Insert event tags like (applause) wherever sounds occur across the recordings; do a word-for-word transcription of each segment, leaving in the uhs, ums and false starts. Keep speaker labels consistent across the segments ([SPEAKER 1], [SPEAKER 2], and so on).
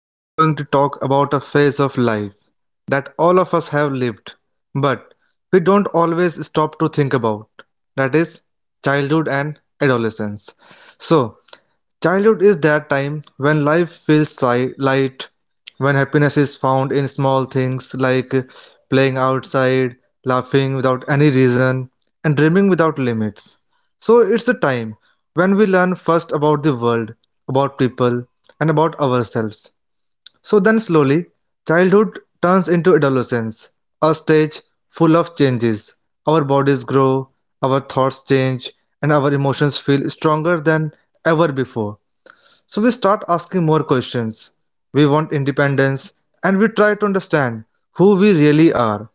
[SPEAKER 1] we are going to talk about a phase of life that all of us have lived, but we don't always stop to think about, that is, childhood and adolescence. So, childhood is that time when life feels si- light, when happiness is found in small things like playing outside, laughing without any reason, and dreaming without limits. So it's the time when we learn first about the world, about people, and about ourselves. So then slowly, childhood turns into adolescence, a stage full of changes. Our bodies grow, our thoughts change, and our emotions feel stronger than ever before. So we start asking more questions. We want independence and we try to understand who we really are.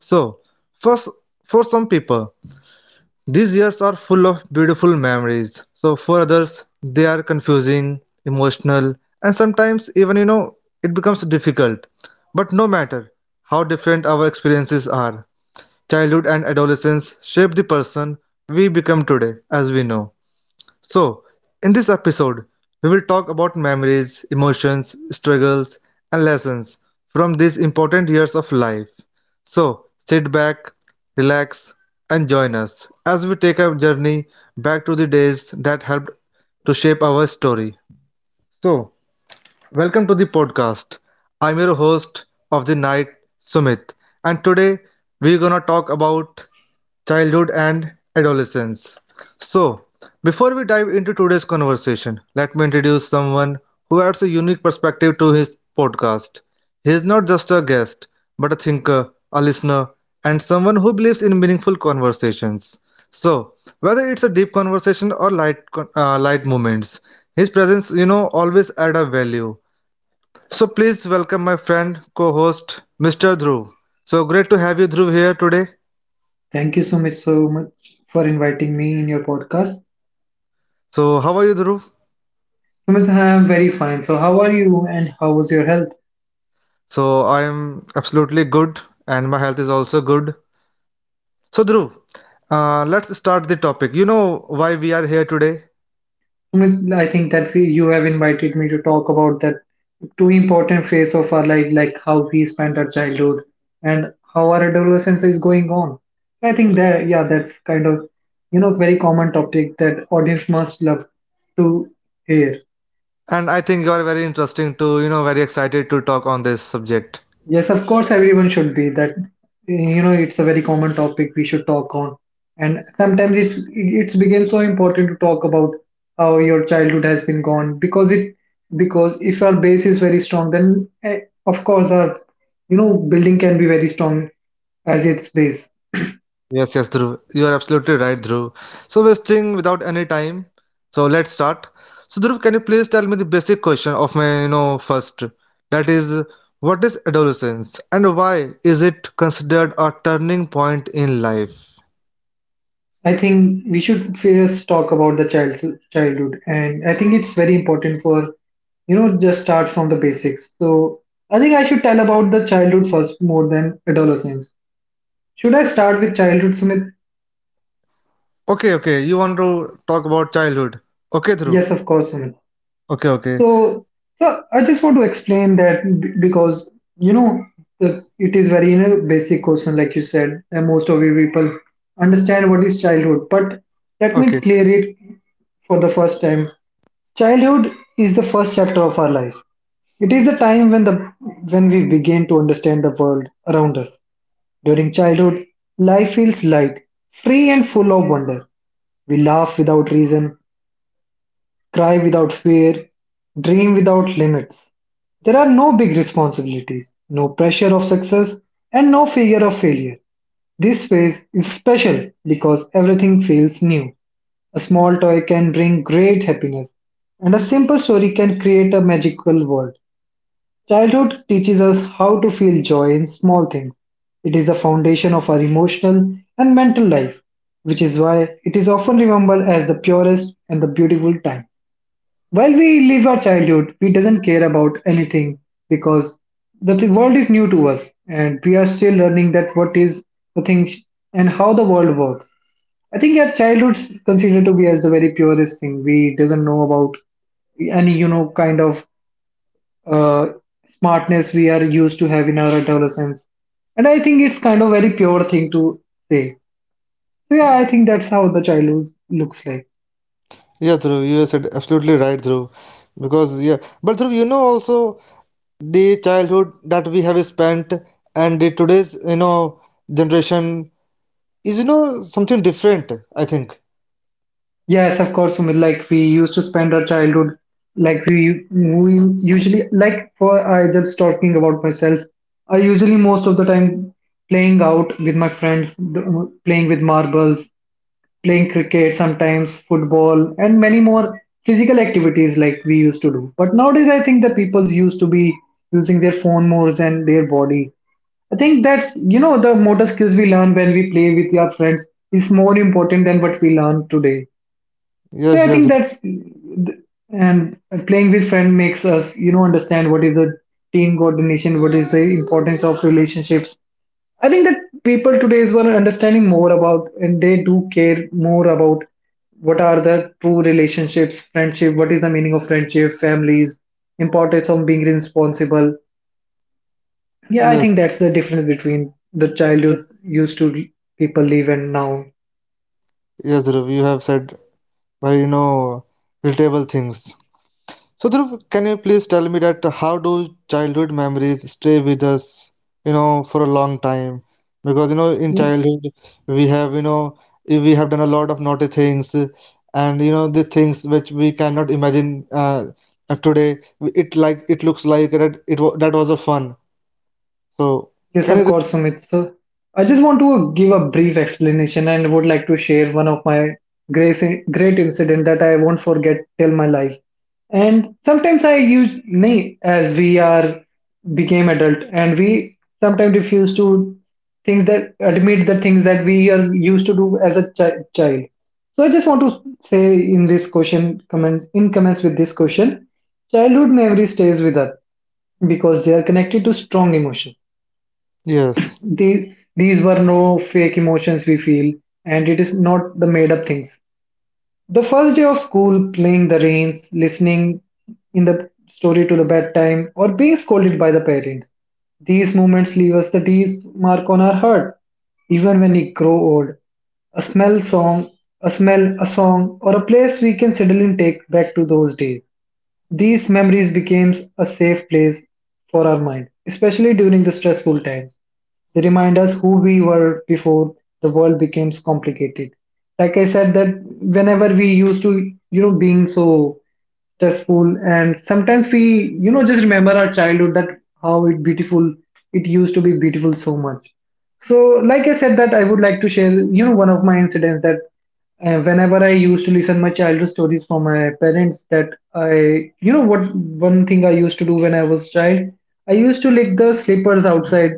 [SPEAKER 1] So, first, for some people, these years are full of beautiful memories. So, for others, they are confusing, emotional, and sometimes even, you know, it becomes difficult. But no matter how different our experiences are, childhood and adolescence shape the person we become today, as we know. So, in this episode, we will talk about memories, emotions, struggles, and lessons from these important years of life. So, sit back, relax, and join us as we take a journey back to the days that helped to shape our story. So, welcome to the podcast. I'm your host of the night, Sumit, and today we're gonna talk about childhood and adolescence. So, before we dive into today's conversation, let me introduce someone who adds a unique perspective to his podcast. He is not just a guest, but a thinker, a listener, and someone who believes in meaningful conversations. So, whether it's a deep conversation or light, con- uh, light moments, his presence, you know, always add a value. So please welcome my friend, co-host, mister Dhruv. So great to have you, Dhruv, here today.
[SPEAKER 2] Thank you, so much, so much for inviting me in your podcast.
[SPEAKER 1] So how are you, Dhruv?
[SPEAKER 2] Sumit, I am very fine. So, how are you and how was your health?
[SPEAKER 1] So I am absolutely good, and my health is also good. So Dhruv, uh, let's start the topic. You know why we are here today,
[SPEAKER 2] Sumit, I think that we, you have invited me to talk about that two important phase of our life, like how we spent our childhood and how our adolescence is going on. I think that, yeah, that's kind of, you know, very common topic that audience must love to hear.
[SPEAKER 1] and I think you are very interesting to, you know, very excited to talk on this subject.
[SPEAKER 2] Yes, of course, everyone should be that. You know, it's a very common topic we should talk on, and sometimes it's it's become so important to talk about how your childhood has been gone because it because if our base is very strong, then eh, of course our, you know, building can be very strong as its base.
[SPEAKER 1] Yes, yes, Dhruv. You are absolutely right, Dhruv. So, wasting without any time. So, let's start. So, Dhruv, can you please tell me the basic question of my, you know, first? That is, what is adolescence and why is it considered a turning point in life?
[SPEAKER 2] I think we should first talk about the child childhood, and I think it's very important for, you know, just start from the basics. So I think I should tell about the childhood first more than adolescence. Should I start with childhood, Sumit?
[SPEAKER 1] Okay, okay. You want to talk about childhood? Okay, Dhruv.
[SPEAKER 2] Yes, of course, Sumit.
[SPEAKER 1] Okay, okay.
[SPEAKER 2] So, so I just want to explain that b- because, you know, the- it is very, you know, basic question, like you said, and most of you people understand what is childhood. But let me
[SPEAKER 1] Okay.
[SPEAKER 2] clear it for the first time. Childhood is the first chapter of our life. It is the time when the when we begin to understand the world around us. During childhood, life feels light, free and full of wonder. We laugh without reason, cry without fear, dream without limits. There are no big responsibilities, no pressure of success, and no fear of failure. This phase is special because everything feels new. A small toy can bring great happiness, and a simple story can create a magical world. Childhood teaches us how to feel joy in small things. It is the foundation of our emotional and mental life, which is why it is often remembered as the purest and the beautiful time. While we live our childhood, we doesn't care about anything because the th- world is new to us and we are still learning that what is the thing sh- and how the world works. I think our childhood's considered to be as the very purest thing. We doesn't know about any, you know, kind of uh, smartness we are used to have in our adolescence, and I think it's kind of very pure thing to say. So yeah, I think that's how the childhood looks like.
[SPEAKER 1] Yeah, Dhruv, you said absolutely right, Dhruv. Because, yeah. But, Dhruv, you know also the childhood that we have spent and the today's you know generation is you know something different, I think.
[SPEAKER 2] Yes, of course, Sumit. Like we used to spend our childhood, like we we usually like for I just talking about myself. I usually most of the time playing out with my friends, th- playing with marbles, playing cricket, sometimes football, and many more physical activities like we used to do. But nowadays, I think the people's used to be using their phone more than their body. I think that's, you know, the motor skills we learn when we play with our friends is more important than what we learn today. So
[SPEAKER 1] Yes,
[SPEAKER 2] I
[SPEAKER 1] yes,
[SPEAKER 2] think that's, and playing with friend makes us, you know, understand what is a team coordination, what is the importance of relationships. I think that people today is were understanding more about and they do care more about what are the true relationships, friendship, what is the meaning of friendship, families, importance of being responsible. Yeah, I
[SPEAKER 1] yes,
[SPEAKER 2] think that's the difference between the
[SPEAKER 1] yes,
[SPEAKER 2] childhood used to people live and now.
[SPEAKER 1] yes, Dhruv, you have said very you know relatable things. So, Dhruv, can you please tell me that how do childhood memories stay with us, you know, for a long time? Because, you know, in
[SPEAKER 2] Yeah.
[SPEAKER 1] childhood, we have, you know, we have done a lot of naughty things, and, you know, the things which we cannot imagine uh, uh, today. It like it looks like that it wa that was a fun. So,
[SPEAKER 2] Yes,
[SPEAKER 1] can you
[SPEAKER 2] of
[SPEAKER 1] just,
[SPEAKER 2] course, Sumit. So, I just want to give a brief explanation and would like to share one of my great, great incident that I won't forget till my life. And sometimes I use nay as we are became adult and we sometimes refuse to things that admit the things that we are used to do as a chi- child. So I just want to say in this question, comments in comments with this question, childhood memory stays with us because they are connected to strong emotions.
[SPEAKER 1] yes.
[SPEAKER 2] The, these were no fake emotions we feel, and it is not the made up things. The first day of school, playing the reins, listening in the story to the bedtime, or being scolded by the parents. These moments leave us the deep mark on our heart, even when we grow old. A smell song, a smell, a song, or a place we can suddenly take back to those days. These memories became a safe place for our mind, especially during the stressful times. They remind us who we were before the world becomes complicated. Like I said, that whenever we used to, you know, being so stressful, and sometimes we, you know, just remember our childhood that how it beautiful it used to be beautiful so much. So, like I said, that I would like to share, you know, one of my incidents that uh, whenever I used to listen my childhood stories from my parents, that I, you know, what one thing I used to do when I was child, I used to lick the slippers outside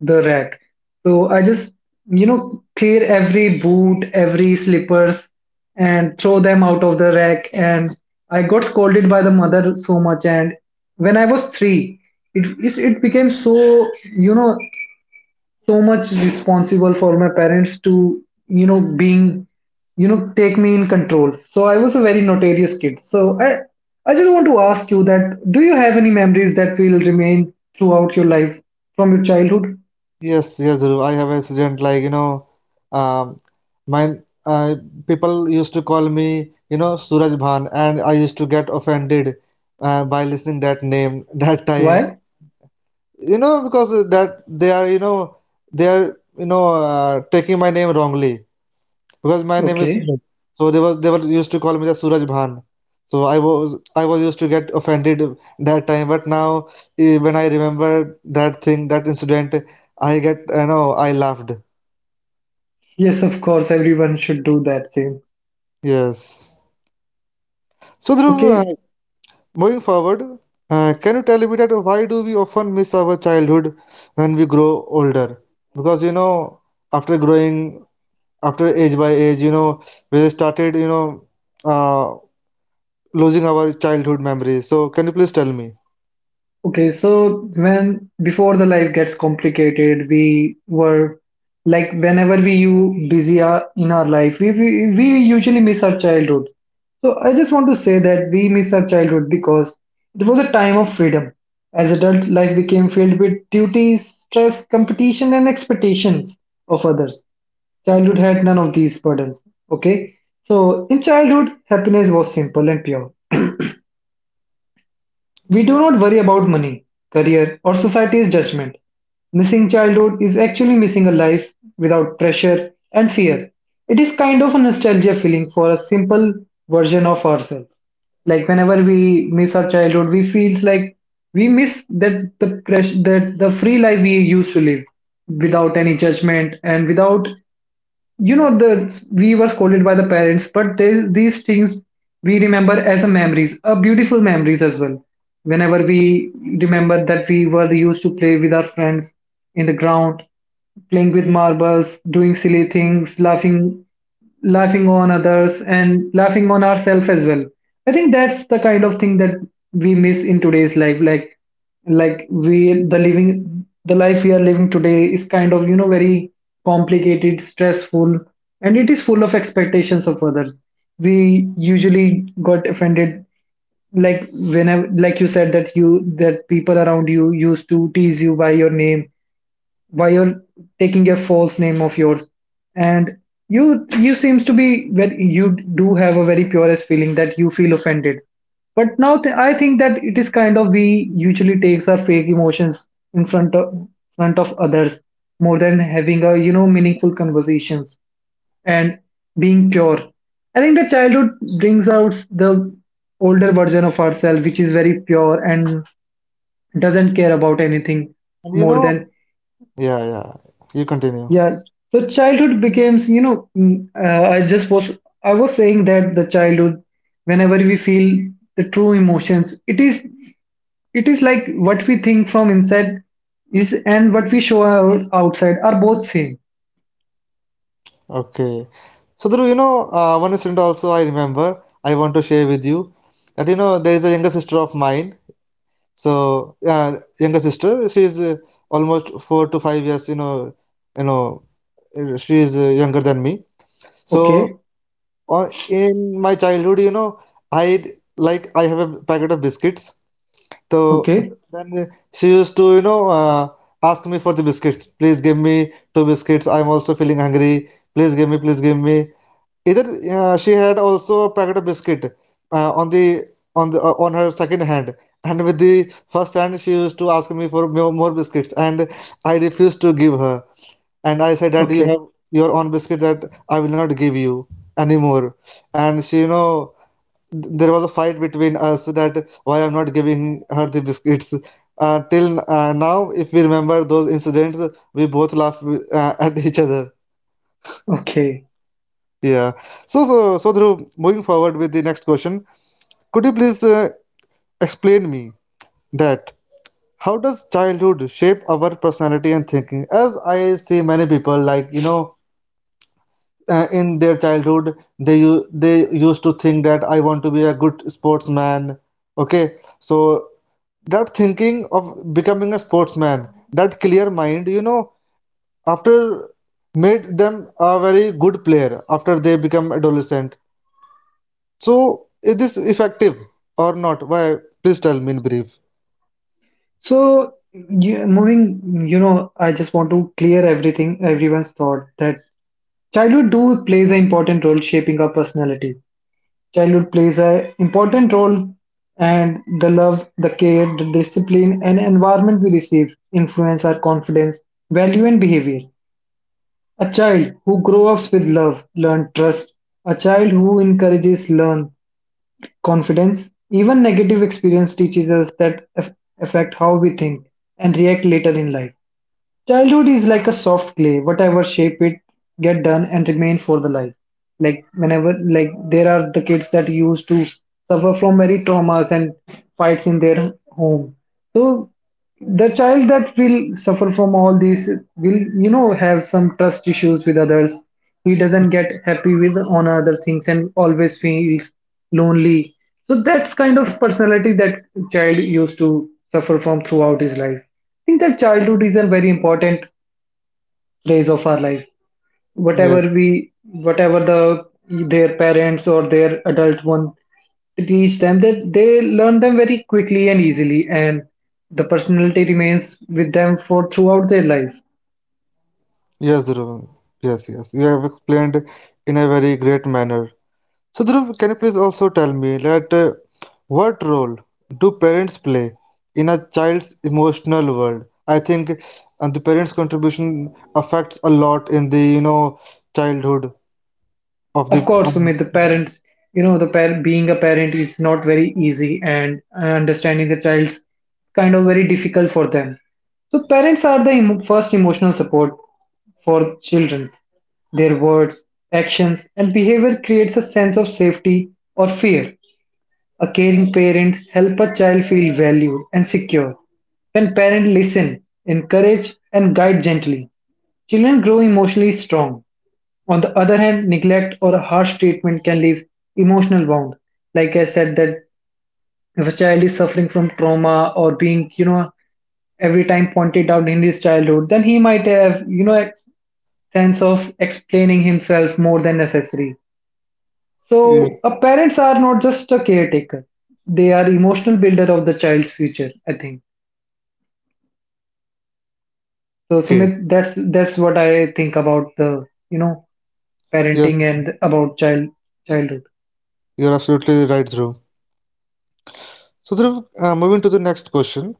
[SPEAKER 2] the rack. So I just, you know, clear every boot, every slippers, and throw them out of the rack. And I got scolded by the mother so much. And when I was three, it it, it became so, you know, so much responsible for my parents to, you know, being, you know, take me in control. So I was a very notorious kid, so i i just want to ask you that do you have any memories that will remain throughout your life from your childhood?
[SPEAKER 1] Yes, yes, Dhruv, I have a student like you know, um, mine. Uh, people used to call me you know Suraj Bhan, and I used to get offended uh, by listening that name (laughs) that time.
[SPEAKER 2] Why?
[SPEAKER 1] You know because that they are you know they are you know uh, taking my name wrongly because my name is
[SPEAKER 2] Okay.
[SPEAKER 1] Suraj. So they was they were used to call me the Suraj Bhan. So I was I was used to get offended that time, but now eh, when I remember that thing, that incident, I get I know I laughed.
[SPEAKER 2] Yes, of course, everyone should do that same.
[SPEAKER 1] Yes. So Dhruv, uh,
[SPEAKER 2] Okay.
[SPEAKER 1] moving forward, uh, can you tell me that why do we often miss our childhood when we grow older? Because you know, after growing, after age by age, you know, we started, you know, uh, losing our childhood memories. So can you please tell me?
[SPEAKER 2] Okay, so when before the life gets complicated, we were like whenever we you busy are in our life, we, we we usually miss our childhood. So I just want to say that we miss our childhood because it was a time of freedom. As adult life became filled with duties, stress, competition, and expectations of others. Childhood had none of these burdens. Okay, so in childhood, happiness was simple and pure. We do not worry about money, career, or society's judgment. Missing childhood is actually missing a life without pressure and fear. It is kind of a nostalgia feeling for a simple version of ourselves. Like whenever we miss our childhood, we feels like we miss that the press that the free life we used to live without any judgment and without, you know, the we were scolded by the parents but they, these things we remember as a memories a beautiful memories as well, whenever we remember that we were used to play with our friends in the ground, playing with marbles, doing silly things, laughing, laughing on others and laughing on ourselves as well. I think that's the kind of thing that we miss in today's life. like like we the living, the life we are living today is kind of, you know, very complicated, stressful, and it is full of expectations of others. We usually got offended, like whenever, like you said, that you, that people around you used to tease you by your name, by your taking a false name of yours, and you you seems to be that you do have a very purest feeling that you feel offended. But now th- I think that it is kind of we usually takes our fake emotions in front of front of others more than having a, you know, meaningful conversations and being pure. I think the childhood brings out the older version of ourselves, which is very pure and doesn't care about anything
[SPEAKER 1] And you
[SPEAKER 2] more
[SPEAKER 1] know,
[SPEAKER 2] than,
[SPEAKER 1] yeah, yeah, you continue.
[SPEAKER 2] yeah, the childhood becomes, you know, mm, uh, I just was, I was saying that the childhood, whenever we feel the true emotions, it is, it is like what we think from inside is and what we show out, outside are both same.
[SPEAKER 1] Okay. So, Dhruv, you know, uh, one incident also I remember I want to share with you that, you know, there is a younger sister of mine. So, uh, younger sister, she is uh, almost four to five years, you know, you know, uh, she is uh, younger than me. So,
[SPEAKER 2] Okay,
[SPEAKER 1] on, in my childhood, you know, I like I have a packet of biscuits. So s-
[SPEAKER 2] okay,
[SPEAKER 1] then she used to, you know, uh, ask me for the biscuits. Please give me two biscuits. I'm also feeling hungry. Please give me, please give me. Either uh, she had also a packet of biscuit uh, on the on the uh, on her second hand, and with the first hand she used to ask me for mo- more biscuits, and I refused to give her. And I said that you
[SPEAKER 2] okay,
[SPEAKER 1] have your own biscuit, that I will not give you anymore. And she, you know, there was a fight between us that why I'm not giving her the biscuits. Uh, till uh, now, if we remember those incidents, we both laugh uh, (laughs) at each other.
[SPEAKER 2] okay.
[SPEAKER 1] Yeah. So, so, so Dhruv, moving forward with the next question, could you please uh, explain me that how does childhood shape our personality and thinking? As I see many people, like you know, uh, in their childhood, they u- they used to think that I want to be a good sportsman. Okay, so that thinking of becoming a sportsman, that clear mind, you know, after made them a very good player after they become adolescent. So is this effective or not? Why? Please tell me in brief.
[SPEAKER 2] So yeah, moving, you know, I just want to clear everything, everyone's thought that childhood do plays an important role shaping our personality. Childhood plays an important role, and the love, the care, the discipline, and environment we receive influence our confidence, value, and behavior. A child who grows up with love learns trust. A child who encourages learns confidence. Even negative experience teaches us that aff- affect how we think and react later in life. Childhood is like a soft clay, whatever shape it get done and remain for the life. Like whenever, like there are the kids that used to suffer from many traumas and fights in their home. So the child that will suffer from all these will you know have some trust issues with others. He doesn't get happy with on other things and always feels lonely. So that's kind of personality that child used to suffer from throughout his life. I think that childhood is a very important phase of our life. whatever
[SPEAKER 1] Yes,
[SPEAKER 2] we Whatever the their parents or their adult one teach them, that they learn them very quickly and easily, and the personality remains with them for throughout their life.
[SPEAKER 1] yes, Dhruv. Yes, yes. You have explained in a very great manner. So Dhruv, can you please also tell me that uh, what role do parents play in a child's emotional world? I think uh, the parents' contribution affects a lot in the you know childhood of the.
[SPEAKER 2] Of course,
[SPEAKER 1] Um,
[SPEAKER 2] Sumit, the parent, you know, the parent being a parent is not very easy, and uh, understanding the child's kind of very difficult for them. So, parents are the emo- first emotional support for children. Their words, actions, and behavior creates a sense of safety or fear. A caring parent help a child feel valued and secure. When parents listen, encourage, and guide gently, children grow emotionally strong. On the other hand, neglect or harsh treatment can leave emotional wound. Like I said, that if a child is suffering from trauma or being, you know, every time pointed out in his childhood, then he might have, you know, a sense of explaining himself more than necessary.
[SPEAKER 1] yeah.
[SPEAKER 2] So, a parents are not just a caretaker; they are emotional builder of the child's future. I think so.
[SPEAKER 1] Okay.
[SPEAKER 2] Sumit, that's that's what I think about the you know
[SPEAKER 1] Yes,
[SPEAKER 2] parenting and about child childhood.
[SPEAKER 1] you're absolutely right, Dhruv. So Dhruv, uh, moving to the next question,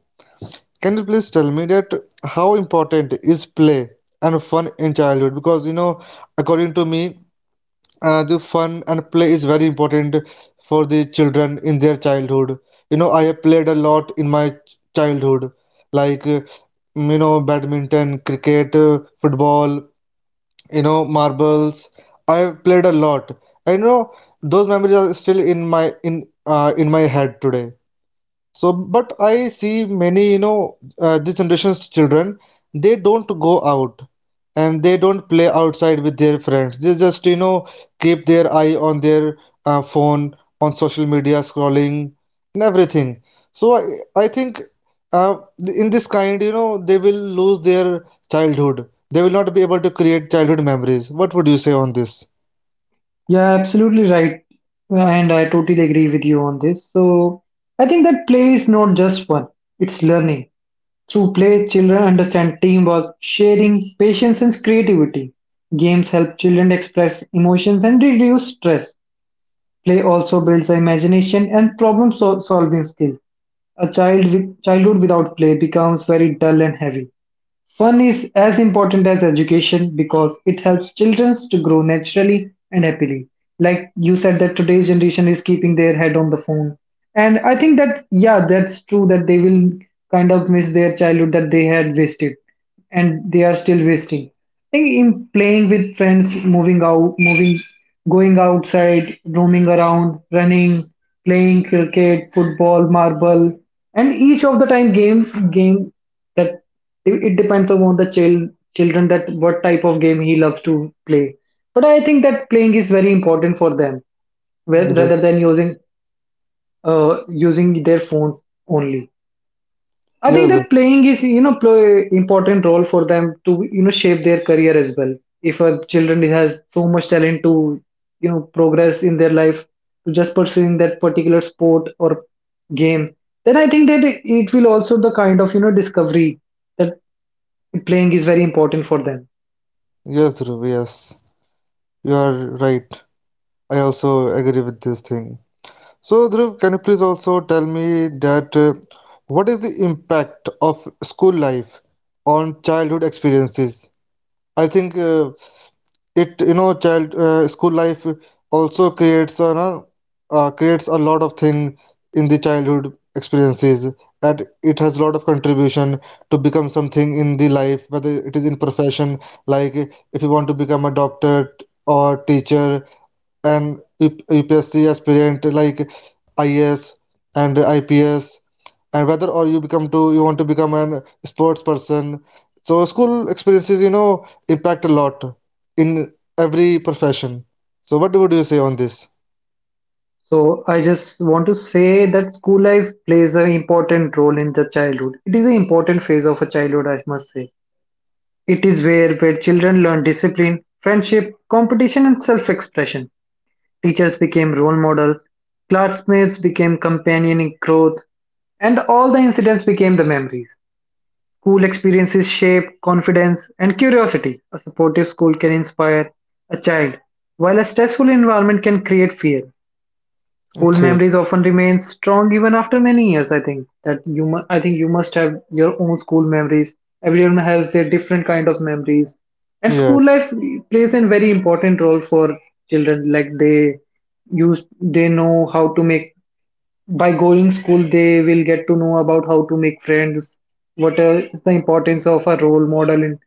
[SPEAKER 1] can you please tell me that how important is play and fun in childhood? Because you know, according to me, uh, the fun and play is very important for the children in their childhood. You know, I have played a lot in my ch- childhood, like uh, you know, badminton, cricket, uh, football, you know, marbles. I have played a lot. I know those memories are still in my in uh, in my head today. So, but I see many, you know, uh, this generation's children, they don't go out and they don't play outside with their friends. They just, you know, keep their eye on their uh, phone, on social media, scrolling, and everything. So, I, I think uh, in this kind, you know, they will lose their childhood. They will not be able to create childhood memories. What would you say on this?
[SPEAKER 2] Yeah, absolutely right. And I totally agree with you on this. So I think that play is not just fun, it's learning. Through play, children understand teamwork, sharing, patience, and creativity. Games help children express emotions and reduce stress. Play also builds the imagination and problem sol- solving skills. A child with childhood without play becomes very dull and heavy. Fun is as important as education because it helps children to grow naturally and happily. Like you said, that today's generation is keeping their head on the phone. And I think that, yeah, that's true that they will kind of miss their childhood that they had wasted and they are still wasting think in playing with friends, moving out, moving, going outside, roaming around, running, playing cricket, football, marble, and each of the time game game that it it depends upon the child children that what type of game he loves to play. But I think that playing is very important for them, whe-
[SPEAKER 1] Yes,
[SPEAKER 2] rather than using uh using their phones only. I think
[SPEAKER 1] yes,
[SPEAKER 2] that playing is, you know, play important role for them to, you know, shape their career as well. If a children has so much talent to, you know, progress in their life to just pursuing that particular sport or game, then I think that it it will also the kind of, you know, discovery that playing is very important for them.
[SPEAKER 1] yes, Dhruv, yes. You are right. I also agree with this thing. So, Dhruv, can you please also tell me that uh, what is the impact of school life on childhood experiences? I think uh, it, you know, child uh, school life also creates a uh, uh, creates a lot of thing in the childhood experiences, and it has a lot of contribution to become something in the life, whether it is in profession, like if you want to become a doctor or teacher, and U- UPSC aspirant like I S and I P S, and whether or you become to you want to become an sports person. So school experiences, you know, impact a lot in every profession. So what would you say on this?
[SPEAKER 2] So I just want to say that school life plays an important role in the childhood. It is an important phase of a childhood, I must say. It is where where children learn discipline, friendship, competition, and self-expression. Teachers became role models, classmates became companion in growth, and all the incidents became the memories. School experiences shape confidence and curiosity. A supportive school can inspire a child, while a stressful environment can create fear. School
[SPEAKER 1] Okay.
[SPEAKER 2] memories often remain strong even after many years, I think. That you mu- I think you must have your own school memories. Everyone has their different kind of memories. And
[SPEAKER 1] Yeah.
[SPEAKER 2] school life plays a very important role for children. Like they use they know how to make by going school. They will get to know about how to make friends, what is the importance of a role model in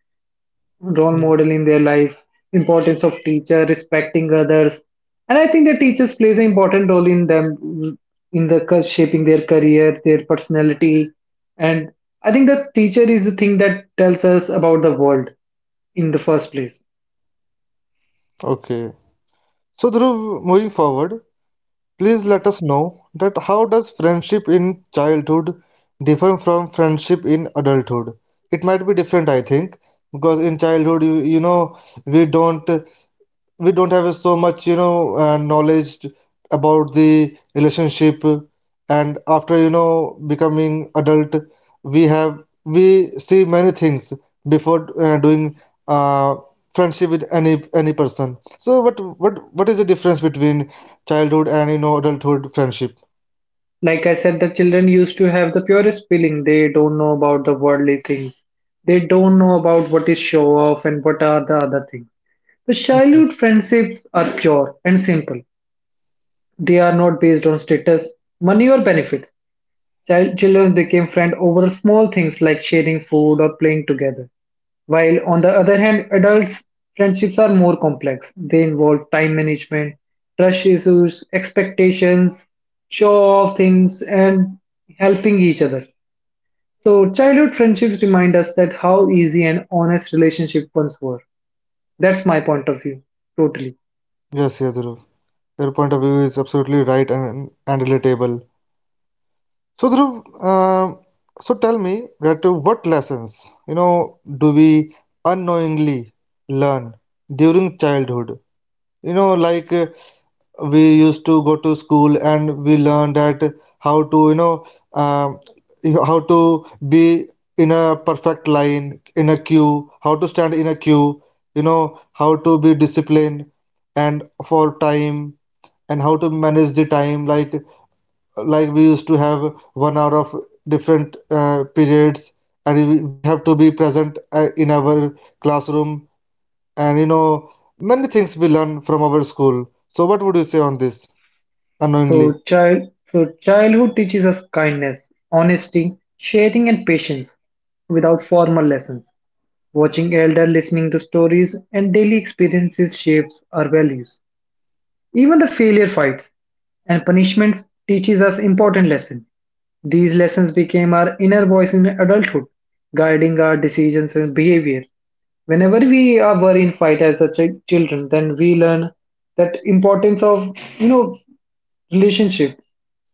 [SPEAKER 2] role model in their life, importance of teacher, respecting others, and I think the teachers plays an important role in them in the cur- shaping their career, their personality, and I think the teacher is the thing that tells us about the world in the first place.
[SPEAKER 1] Okay. So Dhruv, moving forward, please let us know that how does friendship in childhood differ from friendship in adulthood? It might be different, I think, because in childhood, you, you know, we don't uh, we don't have so much you know uh, knowledge about the relationship, and after you know becoming adult, we have we see many things before uh, doing uh, friendship with any any person. So what what what is the difference between childhood and you know adulthood friendship?
[SPEAKER 2] Like I said, the children used to have the purest feeling. They don't know about the worldly things. They don't know about what is show off and what are the other things. The childhood friendships are pure and simple. They are not based on status, money, or benefits. Child, children became friends over small things like sharing food or playing together. While on the other hand, adults' friendships are more complex. They involve time management, trust issues, expectations, show off things, and helping each other. So, childhood friendships remind us that how easy and honest relationship once were. That's my point of view, totally.
[SPEAKER 1] Yes, yes, Dhruv. Your point of view is absolutely right and and relatable. So Dhruv, um, so tell me that uh, what lessons, you know, do we unknowingly learn during childhood? You know, like uh, we used to go to school and we learn that how to, you know, um, you- how to be in a perfect line, in a queue, how to stand in a queue, you know, how to be disciplined and for time and how to manage the time like like we used to have one hour of different uh, periods and we we have to be present uh, in our classroom, and you know many things we learn from our school. So what would you say on this unknowingly?
[SPEAKER 2] So, child, so childhood teaches us kindness, honesty, sharing, and patience without formal lessons. Watching elder, listening to stories, and daily experiences shapes our values. Even the failure fights and punishments teaches us important lessons. These lessons became our inner voice in adulthood, guiding our decisions and behavior. Whenever we are worried in fight as a ch- children, then we learn that importance of you know relationship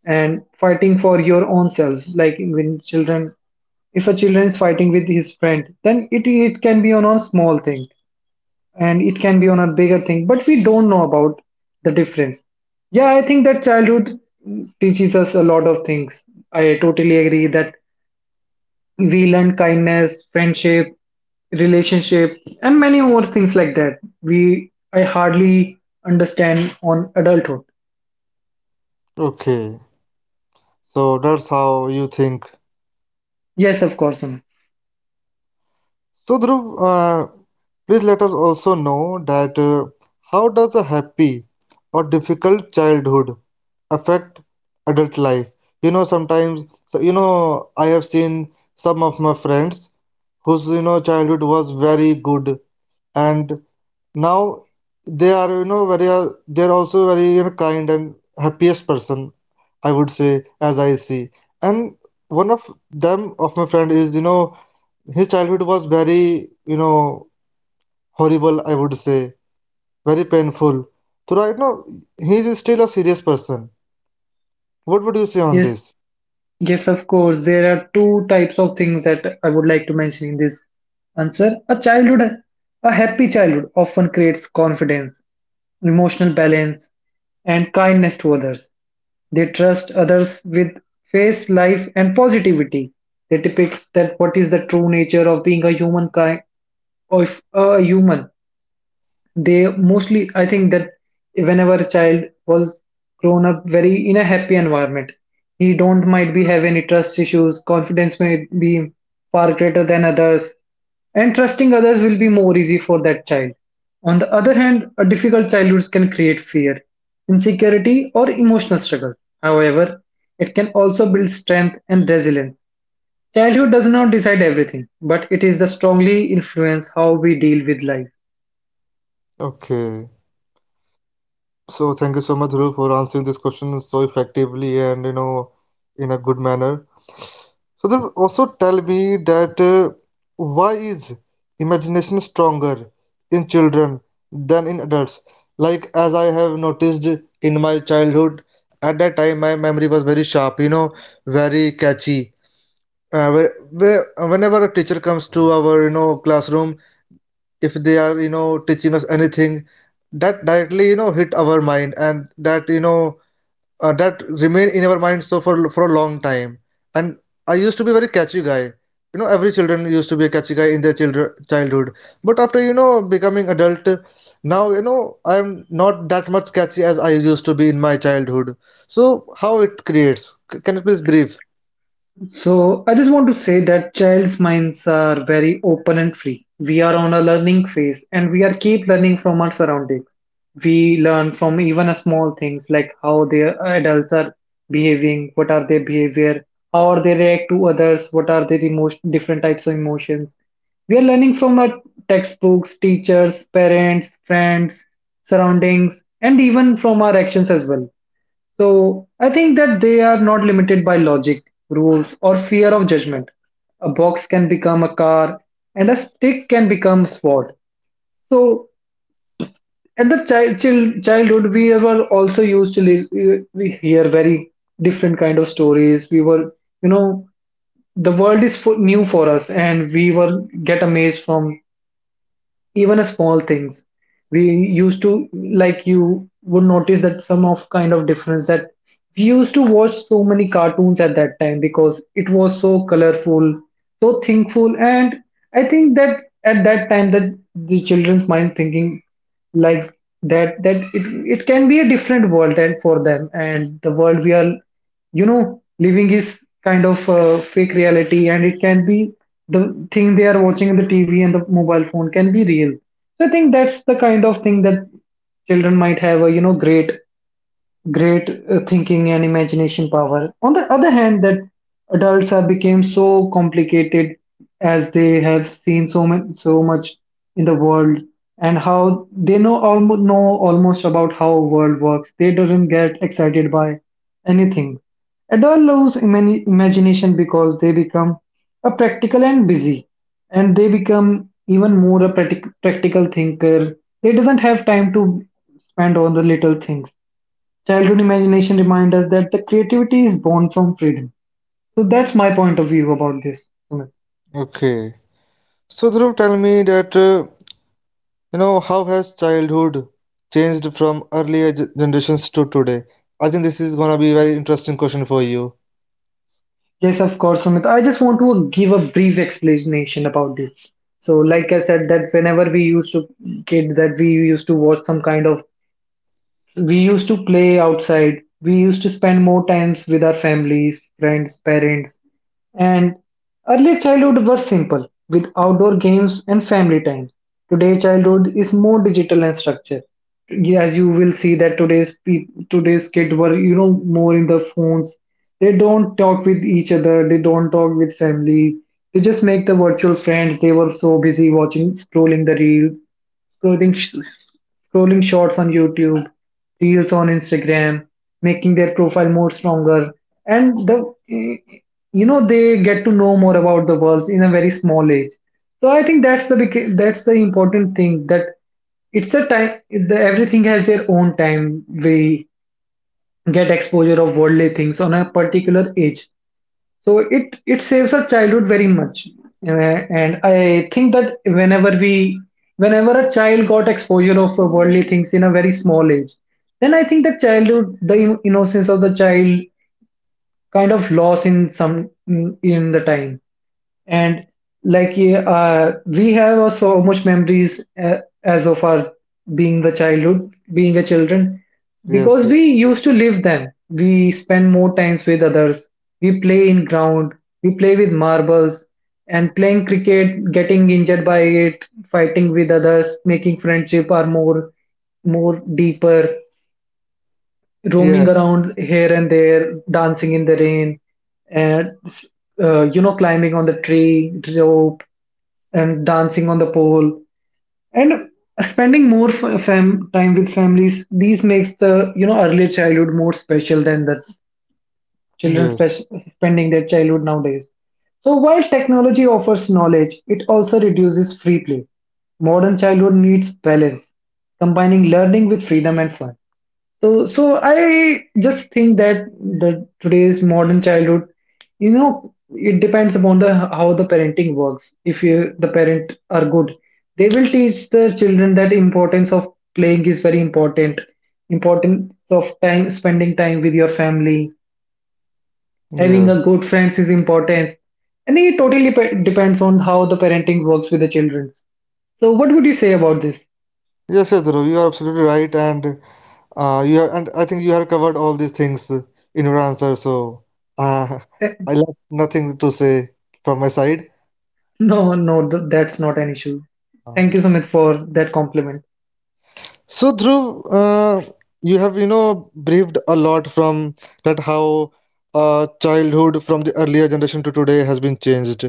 [SPEAKER 2] and fighting for your own self. Like when children, if a children is fighting with his friend, then it it can be on a small thing and it can be on a bigger thing, but we don't know about the difference. Yeah, I think that childhood teaches us a lot of things. I totally agree that we learn kindness, friendship, relationship, and many more things like that we I hardly understand on adulthood.
[SPEAKER 1] Okay, so that's how you think.
[SPEAKER 2] Yes, of course, Sonu.
[SPEAKER 1] So Dhruv, uh, please let us also know that uh, how does a happy or difficult childhood affect adult life? You know, sometimes so you know I have seen some of my friends whose you know childhood was very good, and now they are you know very uh, they're also very you know kind and happiest person, I would say, as I see. And one of them of my friend is you know his childhood was very you know horrible, I would say, very painful. So right now, he is still a serious person. What would you say on
[SPEAKER 2] Yes,
[SPEAKER 1] this?
[SPEAKER 2] yes, of course, there are two types of things that I would like to mention in this answer. A childhood a happy childhood often creates confidence, emotional balance, and kindness to others. They trust others with face, life, and positivity. They depict that what is the true nature of being a human kind, of a human. They mostly, I think that whenever a child was grown up very in a happy environment, he don't might be have any trust issues. Confidence may be far greater than others, and trusting others will be more easy for that child. On the other hand, a difficult childhood can create fear, insecurity, or emotional struggle. However, it can also build strength and resilience. Childhood does not decide everything, but it is the strongly influence how we deal with life.
[SPEAKER 1] Okay. So thank you so much, Dhruv, for answering this question so effectively and you know in a good manner. So Dhruv, also tell me that uh, why is imagination stronger in children than in adults? Like as I have noticed in my childhood, at that time my memory was very sharp, you know, very catchy. uh, where, where, Whenever a teacher comes to our you know classroom, if they are you know teaching us anything, that directly you know hit our mind, and that you know uh, that remain in our mind so for for a long time. And I used to be very catchy guy, you know every children used to be a catchy guy in their children childhood, but after you know becoming adult, now you know I am not that much catchy as I used to be in my childhood. So how it creates C- can you please brief?
[SPEAKER 2] So I just want to say that child's minds are very open and free. We are on a learning phase and we are keep learning from our surroundings. We learn from even a small things like how the adults are behaving, what are their behavior, how are they react to others, what are their emotion, different types of emotions. We are learning from our textbooks, teachers, parents, friends, surroundings, and even from our actions as well. So I think that they are not limited by logic, rules, or fear of judgment. A box can become a car, and a stick can become a sword. So at the child, child childhood, we were also used to live. We we hear very different kind of stories. We were, you know, the world is fu- new for us, and we were get amazed from even a small things we used to like. You would notice that some of kind of difference that we used to watch so many cartoons at that time because it was so colorful, so thinkful. And I think that at that time that the children's mind thinking like that that it, it can be a different world and for them, and the world we are you know living is kind of a fake reality, and it can be the thing they are watching in the TV and the mobile phone can be real. So I think that's the kind of thing that children might have a you know great great uh, thinking and imagination power. On the other hand, that adults have become so complicated as they have seen so much, so much in the world, and how they know almost know almost about how world works. They don't get excited by anything. Adults lose imani- imagination because they become a practical and busy, and they become even more a practic- practical thinker. They doesn't have time to spend on the little things. Childhood imagination reminds us that the creativity is born from freedom. So that's my point of view about this, Sumit.
[SPEAKER 1] Okay. So Dhruv, tell me that uh, you know how has childhood changed from earlier ge- generations to today? I think this is gonna be a very interesting question for you.
[SPEAKER 2] Yes, of course, Sumit. I just want to give a brief explanation about this. So, like I said, that whenever we used to kid, that we used to watch some kind of. We used to play outside. We used to spend more times with our families, friends, parents, and earlier childhood was simple with outdoor games and family time. Today childhood is more digital and structured. Yeah, as you will see that today's peop today's kid were you know more in the phones. They don't talk with each other. They don't talk with family. They just make the virtual friends. They were so busy watching scrolling the reel scrolling, sh- scrolling shorts on YouTube, reels on Instagram, making their profile more stronger. And the you know they get to know more about the world in a very small age. So I think that's the big- that's the important thing that it's a time the, everything has their own time. We get exposure of worldly things on a particular age, so it it saves our childhood very much. Uh, and I think that whenever we whenever a child got exposure of uh, worldly things in a very small age, then I think that childhood, the in- innocence of the child, kind of lost in some in in the time and like yeah, uh, we have so much memories uh, as of our being the childhood, being a children,
[SPEAKER 1] Yes,
[SPEAKER 2] because
[SPEAKER 1] yes,
[SPEAKER 2] we used to live them. We spend more times with others. We play in ground, we play with marbles, and playing cricket, getting injured by it, fighting with others, making friendship are more more deeper,
[SPEAKER 1] yeah,
[SPEAKER 2] roaming around here and there, dancing in the rain, and uh, you know, climbing on the tree rope, and dancing on the pole, and spending more f- fam- time with families. These makes the you know early childhood more special than the children
[SPEAKER 1] yes,
[SPEAKER 2] spe- spending their childhood nowadays. So while technology offers knowledge, it also reduces free play. Modern childhood needs balance, combining learning with freedom and fun. So, so I just think that the today's modern childhood, you know, it depends upon the how the parenting works. If you the parent are good, they will teach the children that importance of playing is very important. Importance of time spending time with your family, having
[SPEAKER 1] yes,
[SPEAKER 2] a good friends is important. And it totally pe- depends on how the parenting works with the children. So, what would you say about this?
[SPEAKER 1] yes, yes, Dhruv, you are absolutely right, and uh, you are, and I think you have covered all these things in your answer. So uh, (laughs)
[SPEAKER 2] Eh,
[SPEAKER 1] I left nothing to say from my side.
[SPEAKER 2] no, no, th- that's not an issue. Thank you so much for that compliment.
[SPEAKER 1] So Dhruv, uh, you have you know briefed a lot from that how uh, childhood from the earlier generation to today has been changed.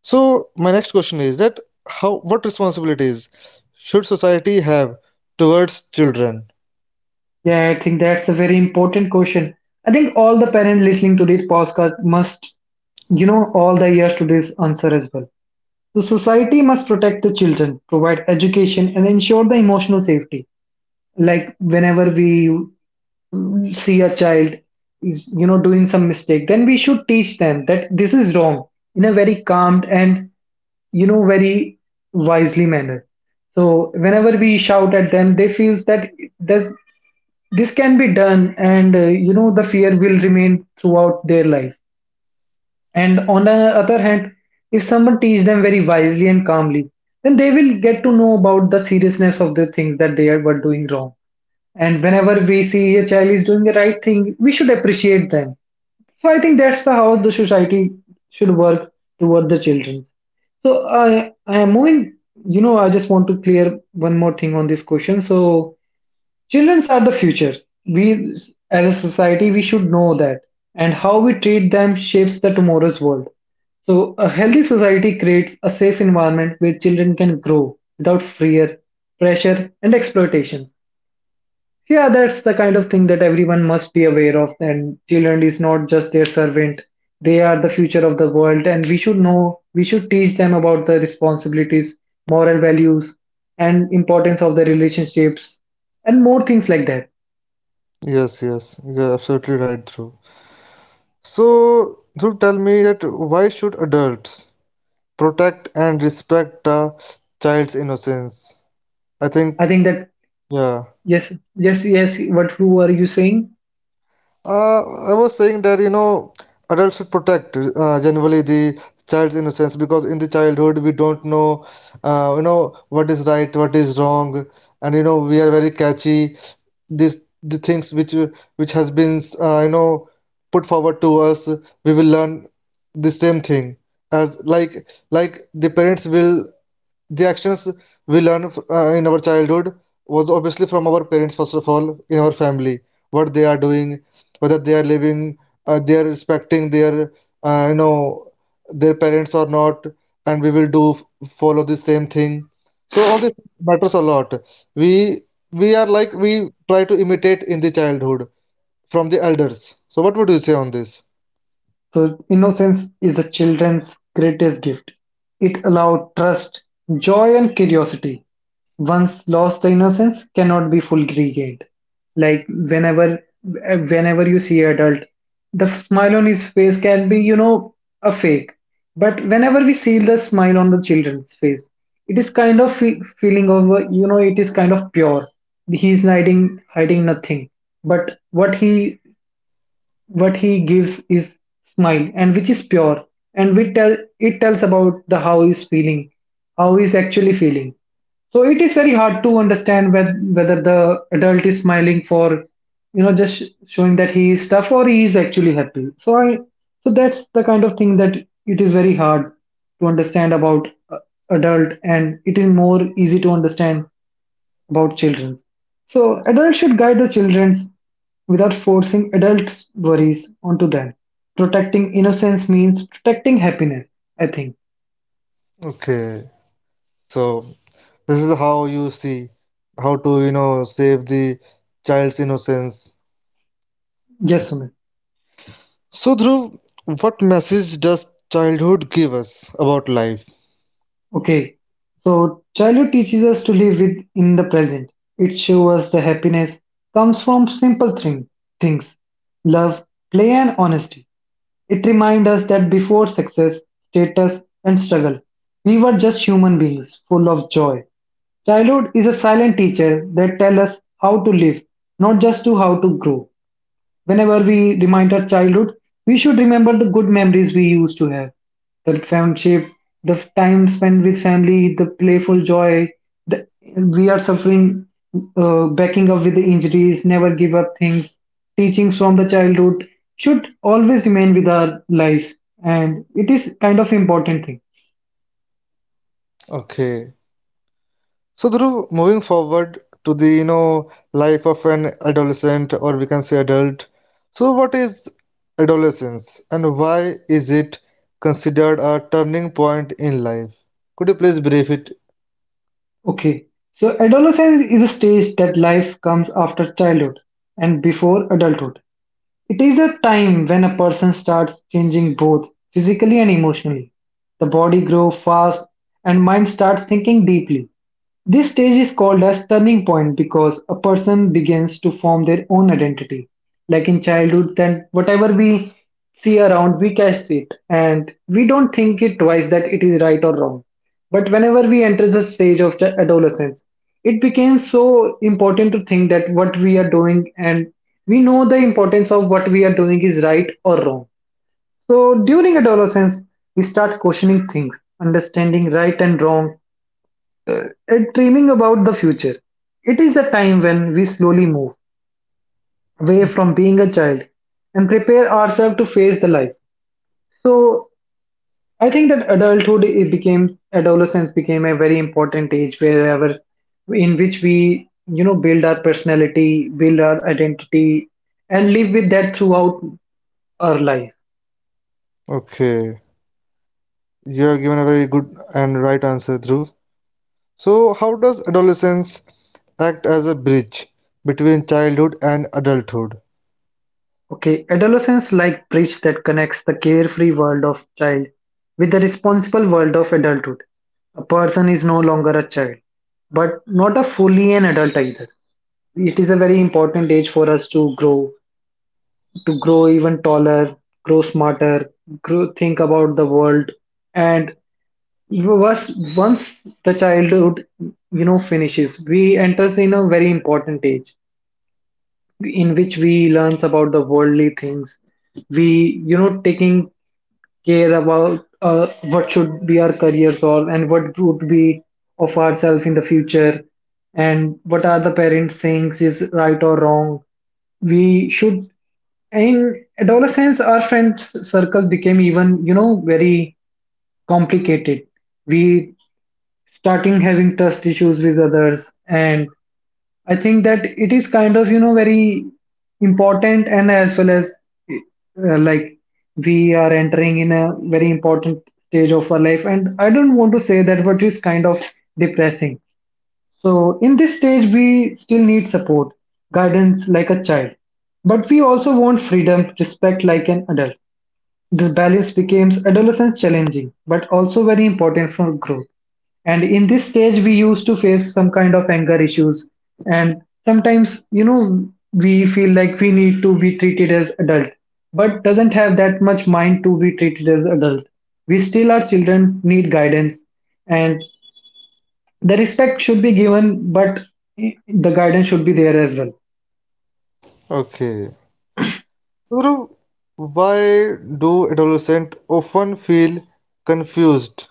[SPEAKER 1] So my next question is that how what responsibilities should society have towards children?
[SPEAKER 2] Yeah, I think that's a very important question. I think all the parents listening to this podcast must, you know, all the years to this answer as well. The society must protect the children, provide education, and ensure the emotional safety. Like whenever we see a child is, you know, doing some mistake, then we should teach them that this is wrong in a very calm and you know very wisely manner. So whenever we shout at them, they feels that this this can be done, and uh, you know, the fear will remain throughout their life. And on the other hand, if someone teaches them very wisely and calmly, then they will get to know about the seriousness of the things that they are- were doing wrong. And whenever we see a child is doing the right thing, we should appreciate them. So I think that's the how the society should work toward the children. So i i am moving, you know, I just want to clear one more thing on this question. So children are the future. We, as a society, we should know that, and how we treat them shapes the tomorrow's world. So, a healthy society creates a safe environment where children can grow without fear, pressure, and exploitation. Yeah, that's the kind of thing that everyone must be aware of. And children is not just their servant; they are the future of the world, and we should know. We should teach them about the responsibilities, moral values, and importance of the relationships, and more things like that.
[SPEAKER 1] Yes, yes, you're absolutely right, Dhruv. So Dhruv, tell me that why should adults protect and respect a child's innocence? I think
[SPEAKER 2] I think that
[SPEAKER 1] yeah.
[SPEAKER 2] yes, yes, yes. What who are you saying?
[SPEAKER 1] Uh, I was saying that you know adults should protect uh, generally the child's innocence, because in the childhood we don't know uh, you know what is right, what is wrong. And you know we are very catchy, this the things which which has been uh, you know put forward to us, we will learn the same thing, as like like the parents will, the actions we learn uh, in our childhood was obviously from our parents, first of all, in our family, what they are doing, whether they are living, uh, they are respecting their, uh, you know, their parents or not, and we will do follow the same thing. So all this matters a lot. We we are like we try to imitate in the childhood from the elders. So what would you say on this?
[SPEAKER 2] So, innocence is the children's greatest gift. It allowed trust, joy, and curiosity. Once lost, the innocence cannot be fully regained. Like whenever, whenever you see adult, the smile on his face can be, you know, a fake. But whenever we see the smile on the children's face, it is kind of fe- feeling of, uh, you know, it is kind of pure. He is hiding, hiding nothing. But what he what he gives is smile and which is pure, and we tell it tells about the how he's feeling, how he's actually feeling. So it is very hard to understand whether, whether the adult is smiling for you know just sh- showing that he is tough or he is actually happy. So I so that's the kind of thing that it is very hard to understand about uh, adult, and it is more easy to understand about children. So adults should guide the children without forcing adults' worries onto them. Protecting innocence means protecting happiness, I think.
[SPEAKER 1] Okay, so. This is how you see how to you know save the child's innocence.
[SPEAKER 2] Yes, Sumit.
[SPEAKER 1] So Dhruv, what message does childhood give us about life?
[SPEAKER 2] Okay, so childhood teaches us to live with in the present. It shows us the happiness comes from simple thing, things, love, play, and honesty. It reminds us that before success, status, and struggle, we were just human beings full of joy. Childhood is a silent teacher that tells us how to live, not just to how to grow. Whenever we remind our childhood, we should remember the good memories we used to have, the friendship, the time spent with family, the playful joy. The, we are suffering, uh, backing up with the injuries, never give up things. Teachings from the childhood should always remain with our life, and it is kind of important thing.
[SPEAKER 1] Okay. So Dhruv, moving forward to the you know life of an adolescent, or we can say adult. So what is adolescence, and why is it considered a turning point in life? Could you please brief it?
[SPEAKER 2] Okay, so adolescence is a stage that life comes after childhood and before adulthood. It is a time when a person starts changing both physically and emotionally. The body grows fast and mind starts thinking deeply. This stage is called as turning point because a person begins to form their own identity. Like in childhood, then whatever we see around, we cast it, and we don't think it twice that it is right or wrong. But whenever we enter the stage of the adolescence, it became so important to think that what we are doing, and we know the importance of what we are doing is right or wrong. So during adolescence, we start questioning things, understanding right and wrong, and dreaming about the future. It is the time when we slowly move away from being a child and prepare ourselves to face the life. So I think that adulthood it became adolescence became a very important age wherever in which we, you know, build our personality, build our identity, and live with that throughout our life.
[SPEAKER 1] Okay. You have given a very good and right answer, Dhruv. So, how does adolescence act as a bridge between childhood and adulthood?
[SPEAKER 2] Okay, adolescence like bridge that connects the carefree world of child with the responsible world of adulthood. A person is no longer a child, but not a fully an adult either. It is a very important age for us to grow to grow even taller, grow smarter, grow, think about the world. And once, once the childhood, you know, finishes, we enters in a very important age in which we learns about the worldly things. We, you know, taking care about uh, what should be our careers all, and what would be of ourselves in the future, and what are the parents saying is right or wrong. We should in adolescence our friends circle became even, you know, very complicated. We starting having trust issues with others. And I think that it is kind of, you know, very important, and as well as uh, like, we are entering in a very important stage of our life. And I don't want to say that, but it's kind of depressing. So in this stage, we still need support, guidance like a child, but we also want freedom, respect like an adult. This balance becomes adolescence challenging, but also very important for growth. And in this stage, we used to face some kind of anger issues, and sometimes, you know, we feel like we need to be treated as adult, but doesn't have that much mind to be treated as adult. We still are children, need guidance, and the respect should be given, but the guidance should be there as well.
[SPEAKER 1] Okay. So, Dhruv, why do adolescents often feel confused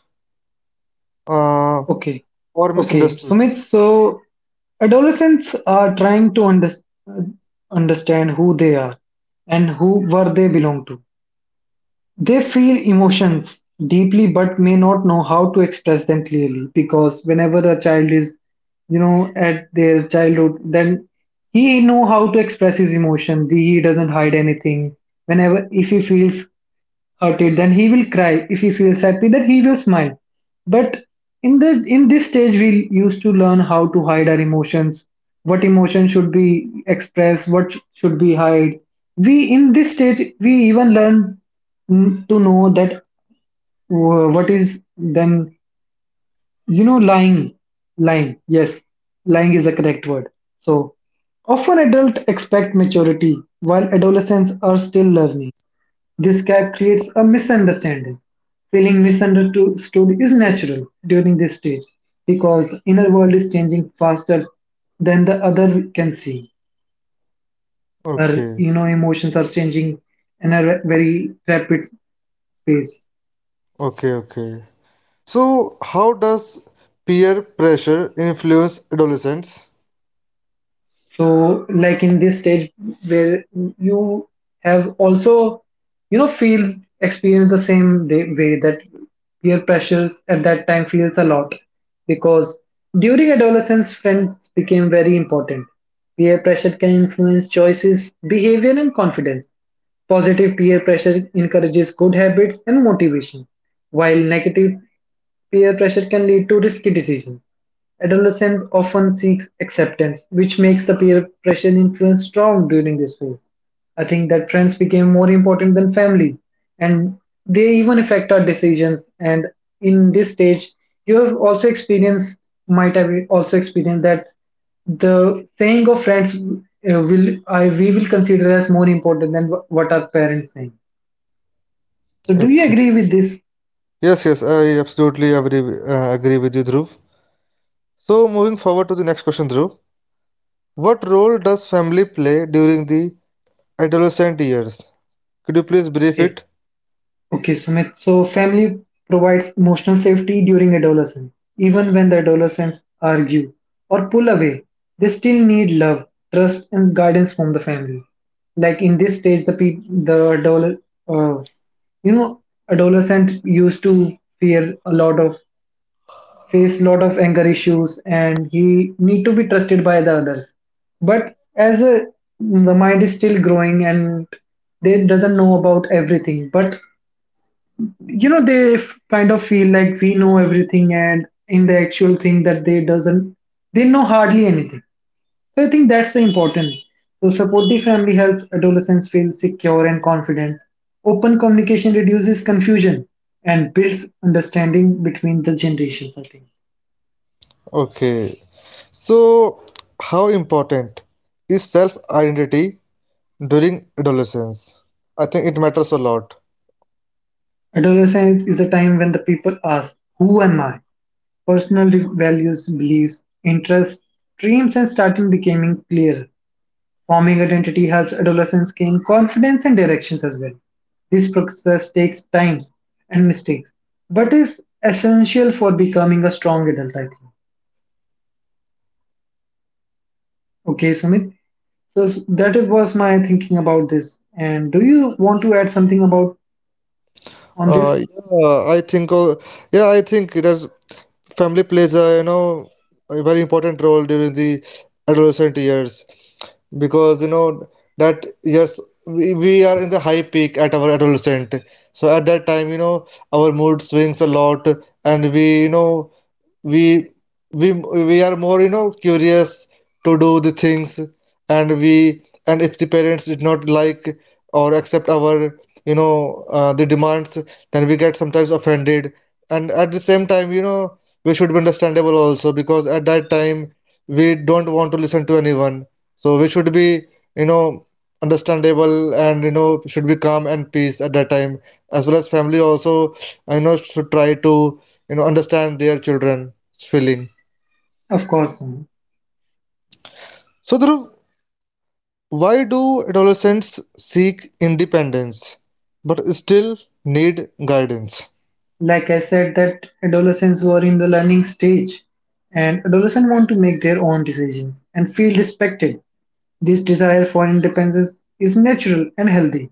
[SPEAKER 1] uh,
[SPEAKER 2] Okay.
[SPEAKER 1] or
[SPEAKER 2] Okay.
[SPEAKER 1] misunderstood?
[SPEAKER 2] Sumit, so adolescents are trying to under, understand who they are and who where they belong to. They feel emotions deeply but may not know how to express them clearly, because whenever a child is, you know, at their childhood, then he know how to express his emotion. He doesn't hide anything. Whenever if he feels hurted, then he will cry. If he feels happy, then he will smile. But in the in this stage, we used to learn how to hide our emotions, what emotion should be expressed, what should be hide. We in this stage we even learn mm, to know that uh, what is, then you know, lying. Lying, yes, lying is a correct word. So often adults expect maturity while adolescents are still learning. This gap creates a misunderstanding. Feeling misunderstood is natural during this stage, because the inner world is changing faster than the other can see. Or,
[SPEAKER 1] Okay,
[SPEAKER 2] you know, emotions are changing in a ra- very rapid pace.
[SPEAKER 1] okay, okay. So, how does peer pressure influence adolescents?
[SPEAKER 2] So, like in this stage where you have also, you know, feels experience the same day, way, that peer pressures at that time feels a lot, because during adolescence, friends became very important. Peer pressure can influence choices, behavior, and confidence. Positive peer pressure encourages good habits and motivation, while negative peer pressure can lead to risky decisions. Adolescence often seeks acceptance, which makes the peer pressure influence strong during this phase. I think that friends became more important than families, and they even affect our decisions. And in this stage, you have also experienced, might have also experienced that the saying of friends uh, will I we will consider as more important than wh- what our parents saying. So, do you
[SPEAKER 1] Okay.
[SPEAKER 2] agree with this?
[SPEAKER 1] Yes, yes, I absolutely agree, uh, agree with you, Dhruv. So, moving forward to the next question, Dhruv. What role does family play during the adolescent years? Could you please brief
[SPEAKER 2] Okay.
[SPEAKER 1] it?
[SPEAKER 2] Okay, Sumit. So, family provides emotional safety during adolescence. Even when the adolescents argue or pull away, they still need love, trust, and guidance from the family. Like in this stage, the pe- the adolescent, uh, you know, adolescent used to fear a lot of face a lot of anger issues, and he need to be trusted by the others. But as a the mind is still growing and they doesn't know about everything, but you know they f- kind of feel like we know everything and in the actual thing that they doesn't they know hardly anything. So I think that's the important. So supportive family helps adolescents feel secure and confident. Open communication reduces confusion and builds understanding between the generations, I think.
[SPEAKER 1] Okay. So, how important is self identity during adolescence? I think it matters a lot.
[SPEAKER 2] Adolescence is a time when the people ask who am I. Personal values, beliefs, interests, dreams and starting becoming clearer. Forming identity helps adolescents gain confidence and directions as well. This process takes time and mistakes, but is essential for becoming a strong adult, I think. Okay, Sumit. So s- that it was my thinking about this. And do you want to add something about on
[SPEAKER 1] Uh,
[SPEAKER 2] this?
[SPEAKER 1] yeah, I think. Uh, yeah, I think it has, family plays a you know a very important role during the adolescent years, because you know that years we, we are in the high peak at our adolescent. So at that time, you know, our mood swings a lot, and we you know we we we are more you know curious to do the things, and we, and if the parents did not like or accept our you know uh, the demands, then we get sometimes offended, and at the same time you know we should be understandable also, because at that time we don't want to listen to anyone. So we should be you know understandable, and you know should be calm and peace at that time, as well as family also, I know, should try to you know understand their children. Feeling.
[SPEAKER 2] Of course, Sumit.
[SPEAKER 1] So, Dhruv, why do adolescents seek independence but still need guidance?
[SPEAKER 2] Like I said, that adolescents were in the learning stage, and adolescents want to make their own decisions and feel respected. This desire for independence is natural and healthy.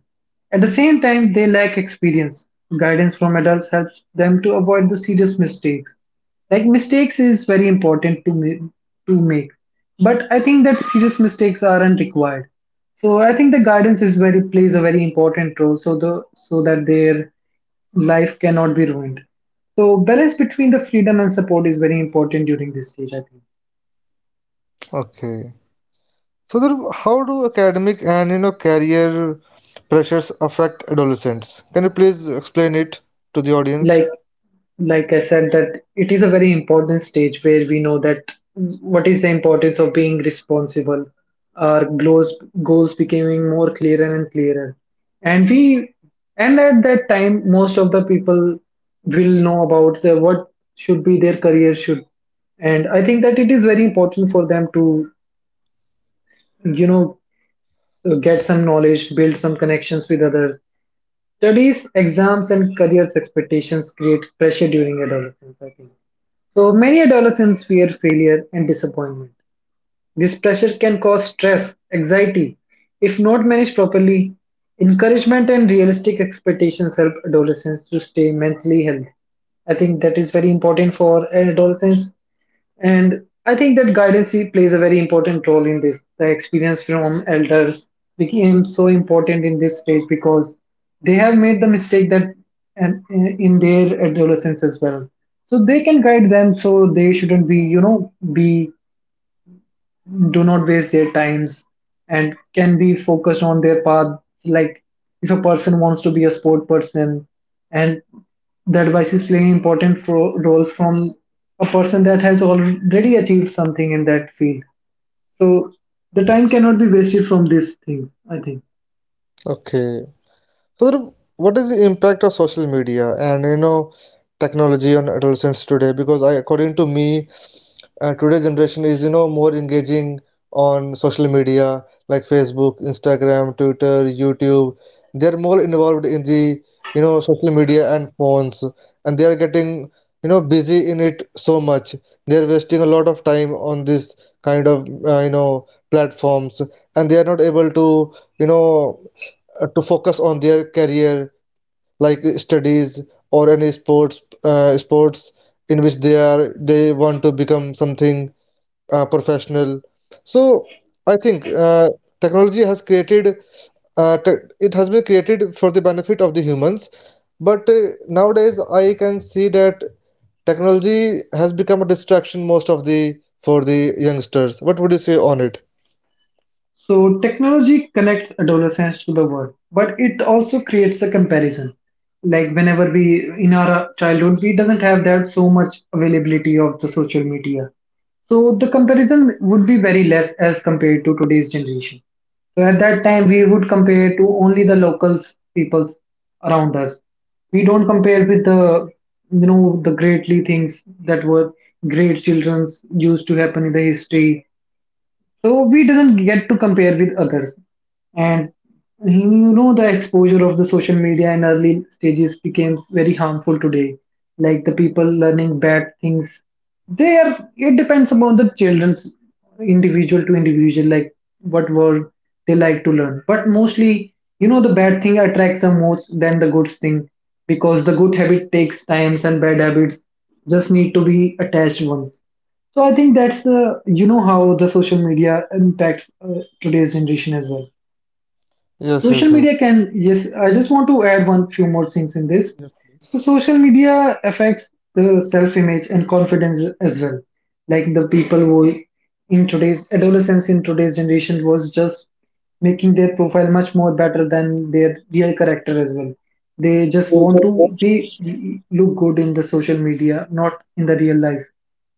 [SPEAKER 2] At the same time, they lack experience. Guidance from adults helps them to avoid the serious mistakes. Like mistakes is very important to ma- to make, but I think that serious mistakes aren't required. So I think the guidance is very plays a very important role, so the so that their life cannot be ruined. So balance between the freedom and support is very important during this stage, I think.
[SPEAKER 1] Okay. So, Dhruv, how do academic and you know career pressures affect adolescents? Can you please explain it to the audience?
[SPEAKER 2] Like like I said, that it is a very important stage where we know that what is the importance of being responsible. Our goals Goals becoming more clearer and clearer, and we and at that time, most of the people will know about the what should be their career should, and I think that it is very important for them to, you know, get some knowledge, build some connections with others. Studies, exams, and careers expectations create pressure during adolescence, I think. So many adolescents fear failure and disappointment. This pressure can cause stress, anxiety, if not managed properly. Encouragement and realistic expectations help adolescents to stay mentally healthy. I think that is very important for adolescents, and I think that guidance plays a very important role in this. The experience from elders became so important in this stage because they have made the mistake that and in their adolescence as well, so they can guide them, so they shouldn't be, you know, be, do not waste their times and can be focused on their path. Like if a person wants to be a sport person and the advice is playing important fro- role from a person that has already achieved something in that field, so the time cannot be wasted from these things, I think.
[SPEAKER 1] Okay. So, Dhruv, what is the impact of social media and you know technology on adolescents today? Because I, according to me, uh, today's generation is you know more engaging on social media, like Facebook, Instagram, Twitter, YouTube. They're more involved in the you know social media and phones, and they are getting you know busy in it so much. They're wasting a lot of time on this kind of uh, you know platforms, and they are not able to you know uh, to focus on their career, like studies or any sports uh, sports in which they are they want to become something uh, professional. So I think uh, technology has created uh, te it has been created for the benefit of the humans, but uh, nowadays I can see that technology has become a distraction most of the for the youngsters. What would you say on it?
[SPEAKER 2] So technology connects adolescents to the world, but it also creates a comparison. Like whenever we in our childhood, we doesn't have that so much availability of the social media. So the comparison would be very less as compared to today's generation. So at that time, we would compare to only the locals, peoples around us. We don't compare with the, you know, the greatly things that were great childrens used to happen in the history, so we doesn't get to compare with others. And you know the exposure of the social media in early stages became very harmful today, like the people learning bad things. They are It depends upon the children's individual to individual, like what word they like to learn, but mostly, you know, the bad thing attracts them most than the good thing, because the good habit takes times and bad habits just need to be attached once. So I think that's uh, you know how the social media impacts uh, today's generation as well.
[SPEAKER 1] Yes,
[SPEAKER 2] Social
[SPEAKER 1] yes, Dhruv.
[SPEAKER 2] media can, yes. I just want to add one few more things in this.
[SPEAKER 1] Yes,
[SPEAKER 2] So
[SPEAKER 1] please.
[SPEAKER 2] social media affects the self-image and confidence as well. Like the people who in today's adolescence in today's generation was just making their profile much more better than their real character as well. They just want to be look good in the social media, not in the real life.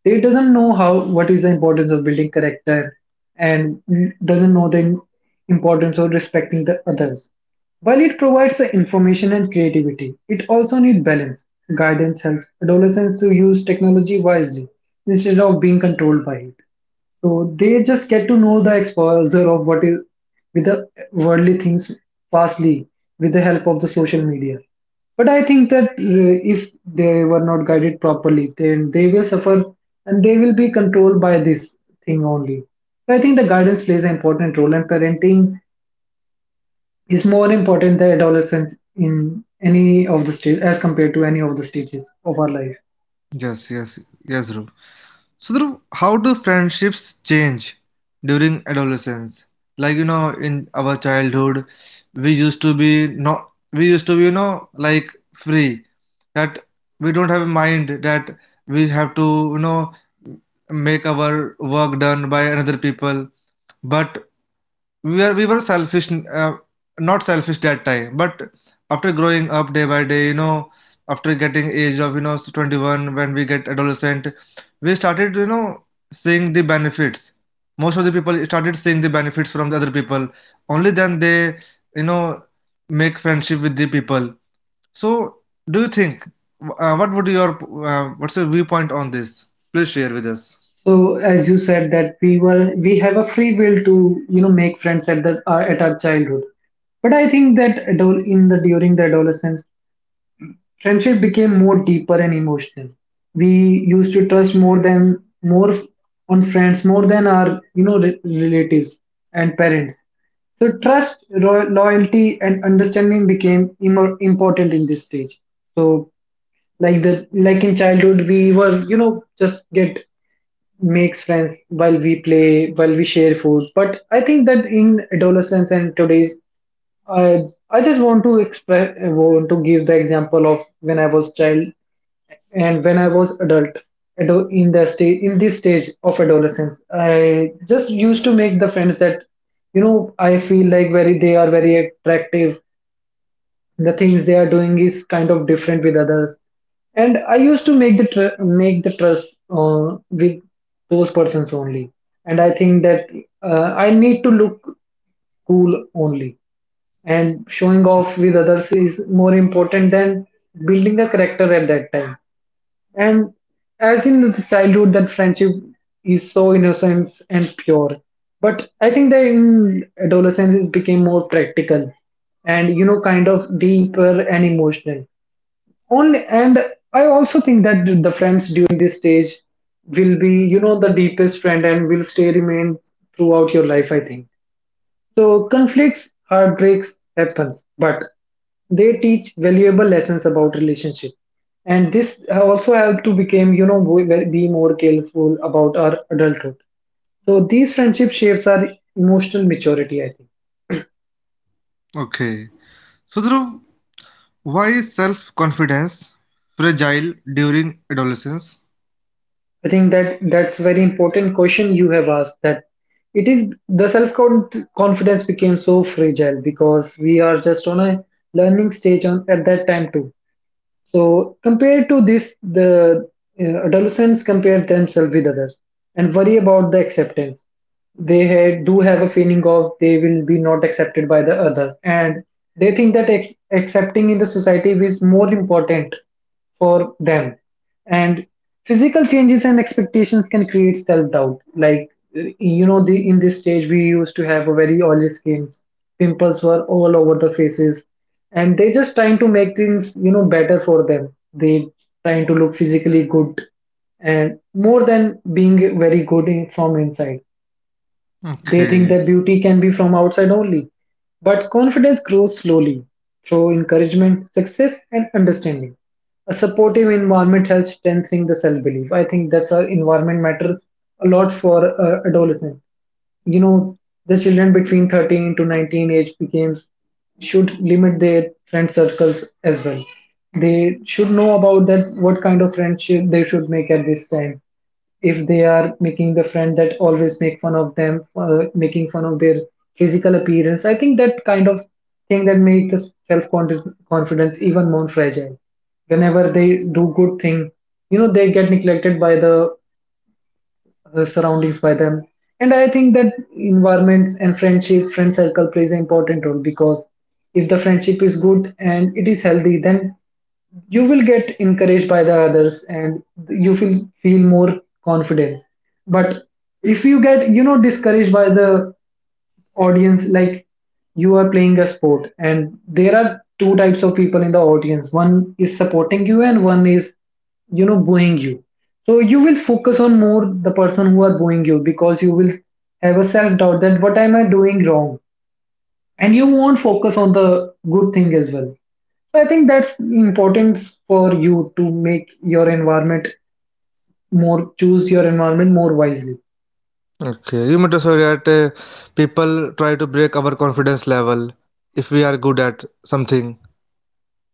[SPEAKER 2] They doesn't know how what is the importance of building character and doesn't know the importance of respecting the others. While it provides the information and creativity, it also needs balance. Guidance helps adolescents to use technology wisely instead of being controlled by it. So they just get to know the exposure of what is with the worldly things fastly with the help of the social media. But I think that uh, if they were not guided properly, then they will suffer and they will be controlled by this thing only. So I think the guidance plays an important role, and parenting is more important than adolescence in any of the stage as compared to any of the stages of our life.
[SPEAKER 1] Yes, yes, yes, Dhruv. So, Dhruv, how do friendships change during adolescence? Like you know, in our childhood, we used to be not we used to be you know like free, that we don't have a mind that we have to you know make our work done by another people. But we were we were selfish, uh, not selfish that time, but after growing up day by day, you know, after getting age of you know twenty-one when we get adolescent, we started you know seeing the benefits. Most of the people started seeing the benefits from the other people, only then they you know make friendship with the people. So, do you think uh, what would your uh, what's your viewpoint on this? Please share with us.
[SPEAKER 2] So as you said that we were we have a free will to, you know, make friends at the uh, at our childhood. But I think that adol- in the during the adolescence, friendship became more deeper and emotional. We used to trust more than more on friends more than our, you know, re- relatives and parents. So trust, ro- loyalty, and understanding became im- important in this stage. So like the like in childhood, we were, you know, just get makes friends while we play, while we share food. But I think that in adolescence and today's, I I just want to express, want to give the example of when I was child and when I was adult. ado- In the stage, in this stage of adolescence, I just used to make the friends that, you know, I feel like very they are very attractive, the things they are doing is kind of different with others. And I used to make the tr- make the trust uh, with those persons only. And I think that uh, I need to look cool only, and showing off with others is more important than building a character at that time. And as in the childhood, that friendship is so innocent and pure. But I think that in adolescence, it became more practical and, you know, kind of deeper and emotional only. And I also think that the friends during this stage will be, you know, the deepest friend and will stay remain throughout your life, I think. So conflicts, heartbreaks happens, but they teach valuable lessons about relationship. And this also help to become, you know, we- be more careful about our adulthood. So these friendship shapes our emotional maturity, I think.
[SPEAKER 1] Okay. So Dhruv, why is self-confidence fragile during adolescence?
[SPEAKER 2] I think that that's very important question you have asked, that it is the self confidence became so fragile because we are just on a learning stage on at that time too. So compared to this, the uh, adolescents compare themselves with others and worry about the acceptance. They ha- do have a feeling of they will be not accepted by the others, and they think that ac- accepting in the society is more important for them. And physical changes and expectations can create self doubt. Like, uh, you know, the, in this stage, we used to have a very oily skins, pimples were all over the faces, and they just trying to make things, you know, better for them. They trying to look physically good and more than being very good in, from inside they think
[SPEAKER 1] Okay.
[SPEAKER 2] that beauty can be from outside only. But confidence grows slowly through encouragement, success, and understanding. A supportive environment helps strengthening the self belief. I think that's our environment matters a lot for uh, adolescent. You know, the children between thirteen to nineteen age becomes should limit their friend circles as well. They should know about that what kind of friendship they should make at this time. If they are making the friend that always make fun of them, uh, making fun of their physical appearance, I think that kind of thing that makes the self confidence even more fragile. Whenever they do good thing, you know, they get neglected by the uh, surroundings by them. And I think that environments and friendship friend circle plays an important role, because if the friendship is good and it is healthy, then you will get encouraged by the others, and you feel feel more confidence. But if you get, you know, discouraged by the audience, like you are playing a sport and there are two types of people in the audience, one is supporting you and one is, you know, booing you. So you will focus on more the person who are booing you, because you will have a self doubt that what am I doing wrong, and you won't focus on the good thing as well. So I think that's important for you to make your environment, more choose your environment more wisely.
[SPEAKER 1] Okay, you mean to say that uh, people try to break our confidence level if we are good at something.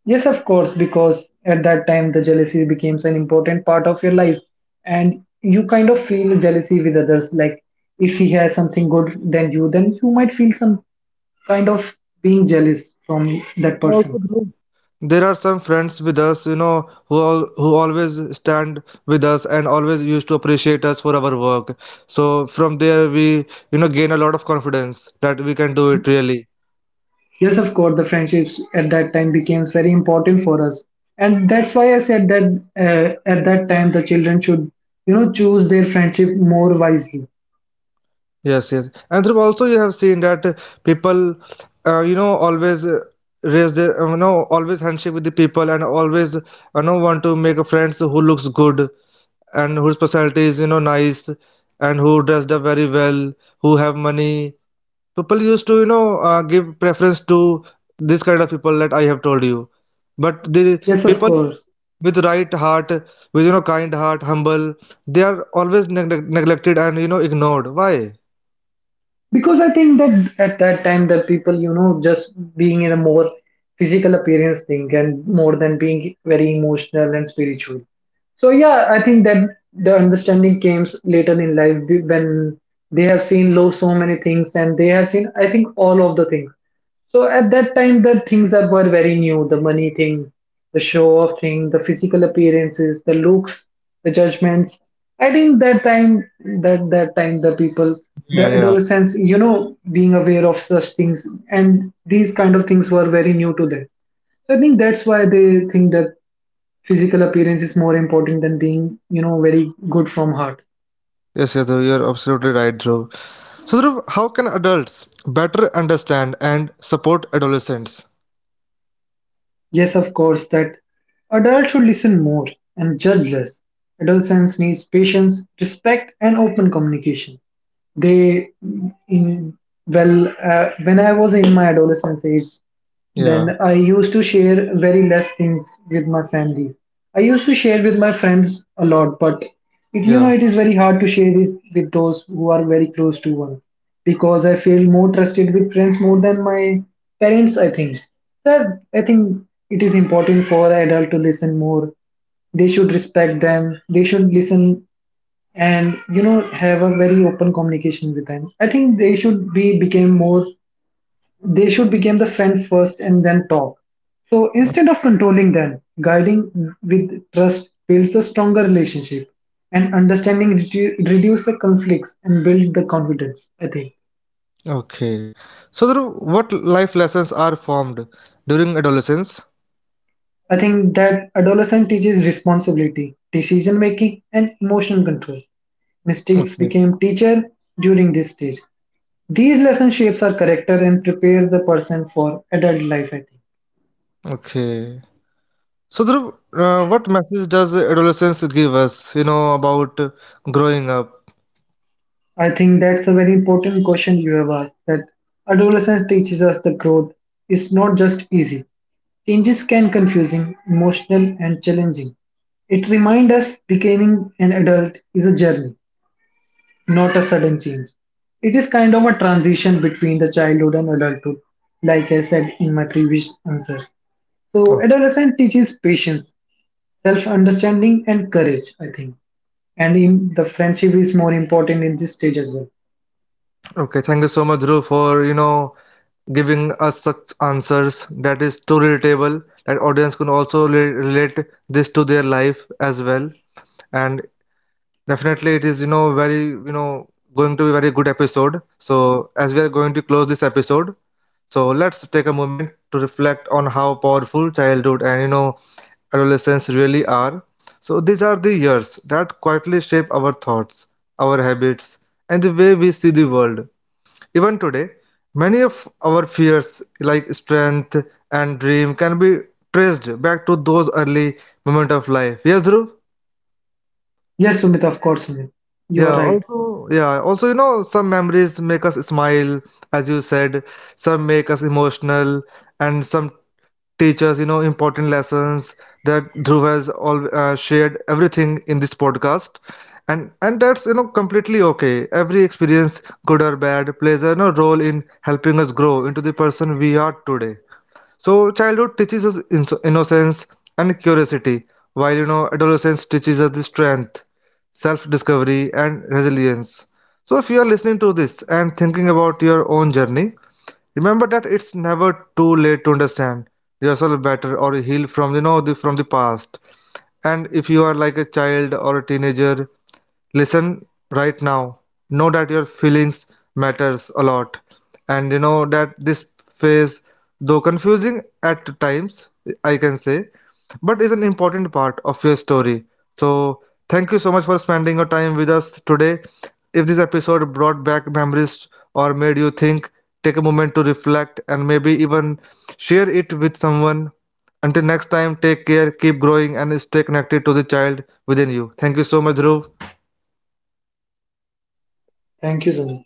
[SPEAKER 2] Yes, of course, because at that time the jealousy becomes an important part of your life, and you kind of feel jealousy with others. Like if he has something good than you, then you might feel some kind of being jealous from that
[SPEAKER 1] Also,
[SPEAKER 2] person.
[SPEAKER 1] there there are some friends with us, you know, who all, who always stand with us and always used to appreciate us for our work. So from there, we you know gain a lot of confidence that we can do it really.
[SPEAKER 2] Yes, of course, the friendships at that time becomes very important for us, and that's why I said that uh, at that time the children should, you know, choose their friendship more wisely.
[SPEAKER 1] Yes, yes. And Dhruv, also you have seen that uh, people, uh, you know, always uh, raise their, uh, you know, always handshake with the people and always, you know, want to make a friends who looks good, and whose personality is, you know, nice, and who dressed up very well, who have money. People used to, you know, uh, give preference to this kind of people that I have told you. But the
[SPEAKER 2] Yes, of
[SPEAKER 1] people
[SPEAKER 2] course.
[SPEAKER 1] with right heart, with, you know, kind heart, humble, they are always neg neg- neglected and, you know, ignored. Why?
[SPEAKER 2] Because I think that at that time the people, you know, just being in a more physical appearance thing and more than being very emotional and spiritual. So yeah, I think that the understanding came later in life be- when they have seen low so many things, and they have seen, I think, all of the things. So at that time, the things that were very new, the money thing, the show off thing, the physical appearances, the looks, the judgments. I think that time, that that time, the people,
[SPEAKER 1] Yeah,
[SPEAKER 2] the
[SPEAKER 1] yeah.
[SPEAKER 2] adolescents, you know, being aware of such things, and these kind of things were very new to them. So I think that's why they think that physical appearance is more important than being, you know, very good from heart.
[SPEAKER 1] Yes, yes, Dhruv, you're absolutely right, Dhruv. So, Dhruv, how can adults better understand and support adolescents?
[SPEAKER 2] Yes, of course, that adults should listen more and judge less. Adolescence needs patience, respect, and open communication. They, in well, uh, when I was in my adolescence age,
[SPEAKER 1] Yeah,
[SPEAKER 2] then I used to share very less things with my families. I used to share with my friends a lot, but it, you know,
[SPEAKER 1] yeah.
[SPEAKER 2] it is very hard to share it with those who are very close to one, because I feel more trusted with friends more than my parents, I think. That I think it is important for adult to listen more. They should respect them. They should listen, and you know, have a very open communication with them. I think they should be became more, they should become the friend first and then talk. So instead of controlling them, guiding with trust builds a stronger relationship, and understanding redu- reduce the conflicts and build the confidence, I think.
[SPEAKER 1] Okay. So, Dhruv, what life lessons are formed during adolescence?
[SPEAKER 2] I think that adolescent teaches responsibility, decision making, and emotional control. Mistakes
[SPEAKER 1] Okay.
[SPEAKER 2] became teacher during this stage. These lesson shapes our character and prepare the person for adult life, I think.
[SPEAKER 1] Okay. So, Dhruv, uh, what message does adolescence give us, you know, about growing up?
[SPEAKER 2] I think that's a very important question you have asked, that adolescence teaches us the growth is not just easy. Changes can confusing, emotional and challenging. It reminds us becoming an adult is a journey, not a sudden change. It is kind of a transition between the childhood and adulthood, like I said in my previous answers. So adolescence teaches patience, self-understanding and courage, I think. And in the friendship is more important in this stage as well.
[SPEAKER 1] Okay, thank you so much, Dhruv, for you know giving us such answers that is too relatable that audience can also re- relate this to their life as well. And definitely, it is you know very you know going to be very good episode. So as we are going to close this episode, so let's take a moment to reflect on how powerful childhood and you know adolescence really are. So these are the years that quietly shape our thoughts, our habits, and the way we see the world. Even today, many of our fears, like strength and dream, can be traced back to those early moments of life. Yes, Dhruv?
[SPEAKER 2] Yes, Sumit, of course, Sumit. You are
[SPEAKER 1] Yeah,
[SPEAKER 2] right.
[SPEAKER 1] also, yeah, also, you know, some memories make us smile, as you said, some make us emotional, and some teachers, you know, important lessons that Dhruv has all uh, shared everything in this podcast, and and that's you know completely okay. Every experience, good or bad, plays a you know, role in helping us grow into the person we are today. So childhood teaches us inno- innocence and curiosity, while you know adolescence teaches us the strength, self-discovery, and resilience. So if you are listening to this and thinking about your own journey, remember that it's never too late to understand yourself better or heal from you know the, from the past. And if you are like a child or a teenager, listen right now, know that your feelings matters a lot, and you know that this phase, though confusing at times, I can say, but is an important part of your story. So thank you so much for spending your time with us today. If this episode brought back memories or made you think, take a moment to reflect and maybe even share it with someone. Until next time, take care, keep growing, and stay connected to the child within you. Thank you so much, Dhruv.
[SPEAKER 2] Thank you, Sumit.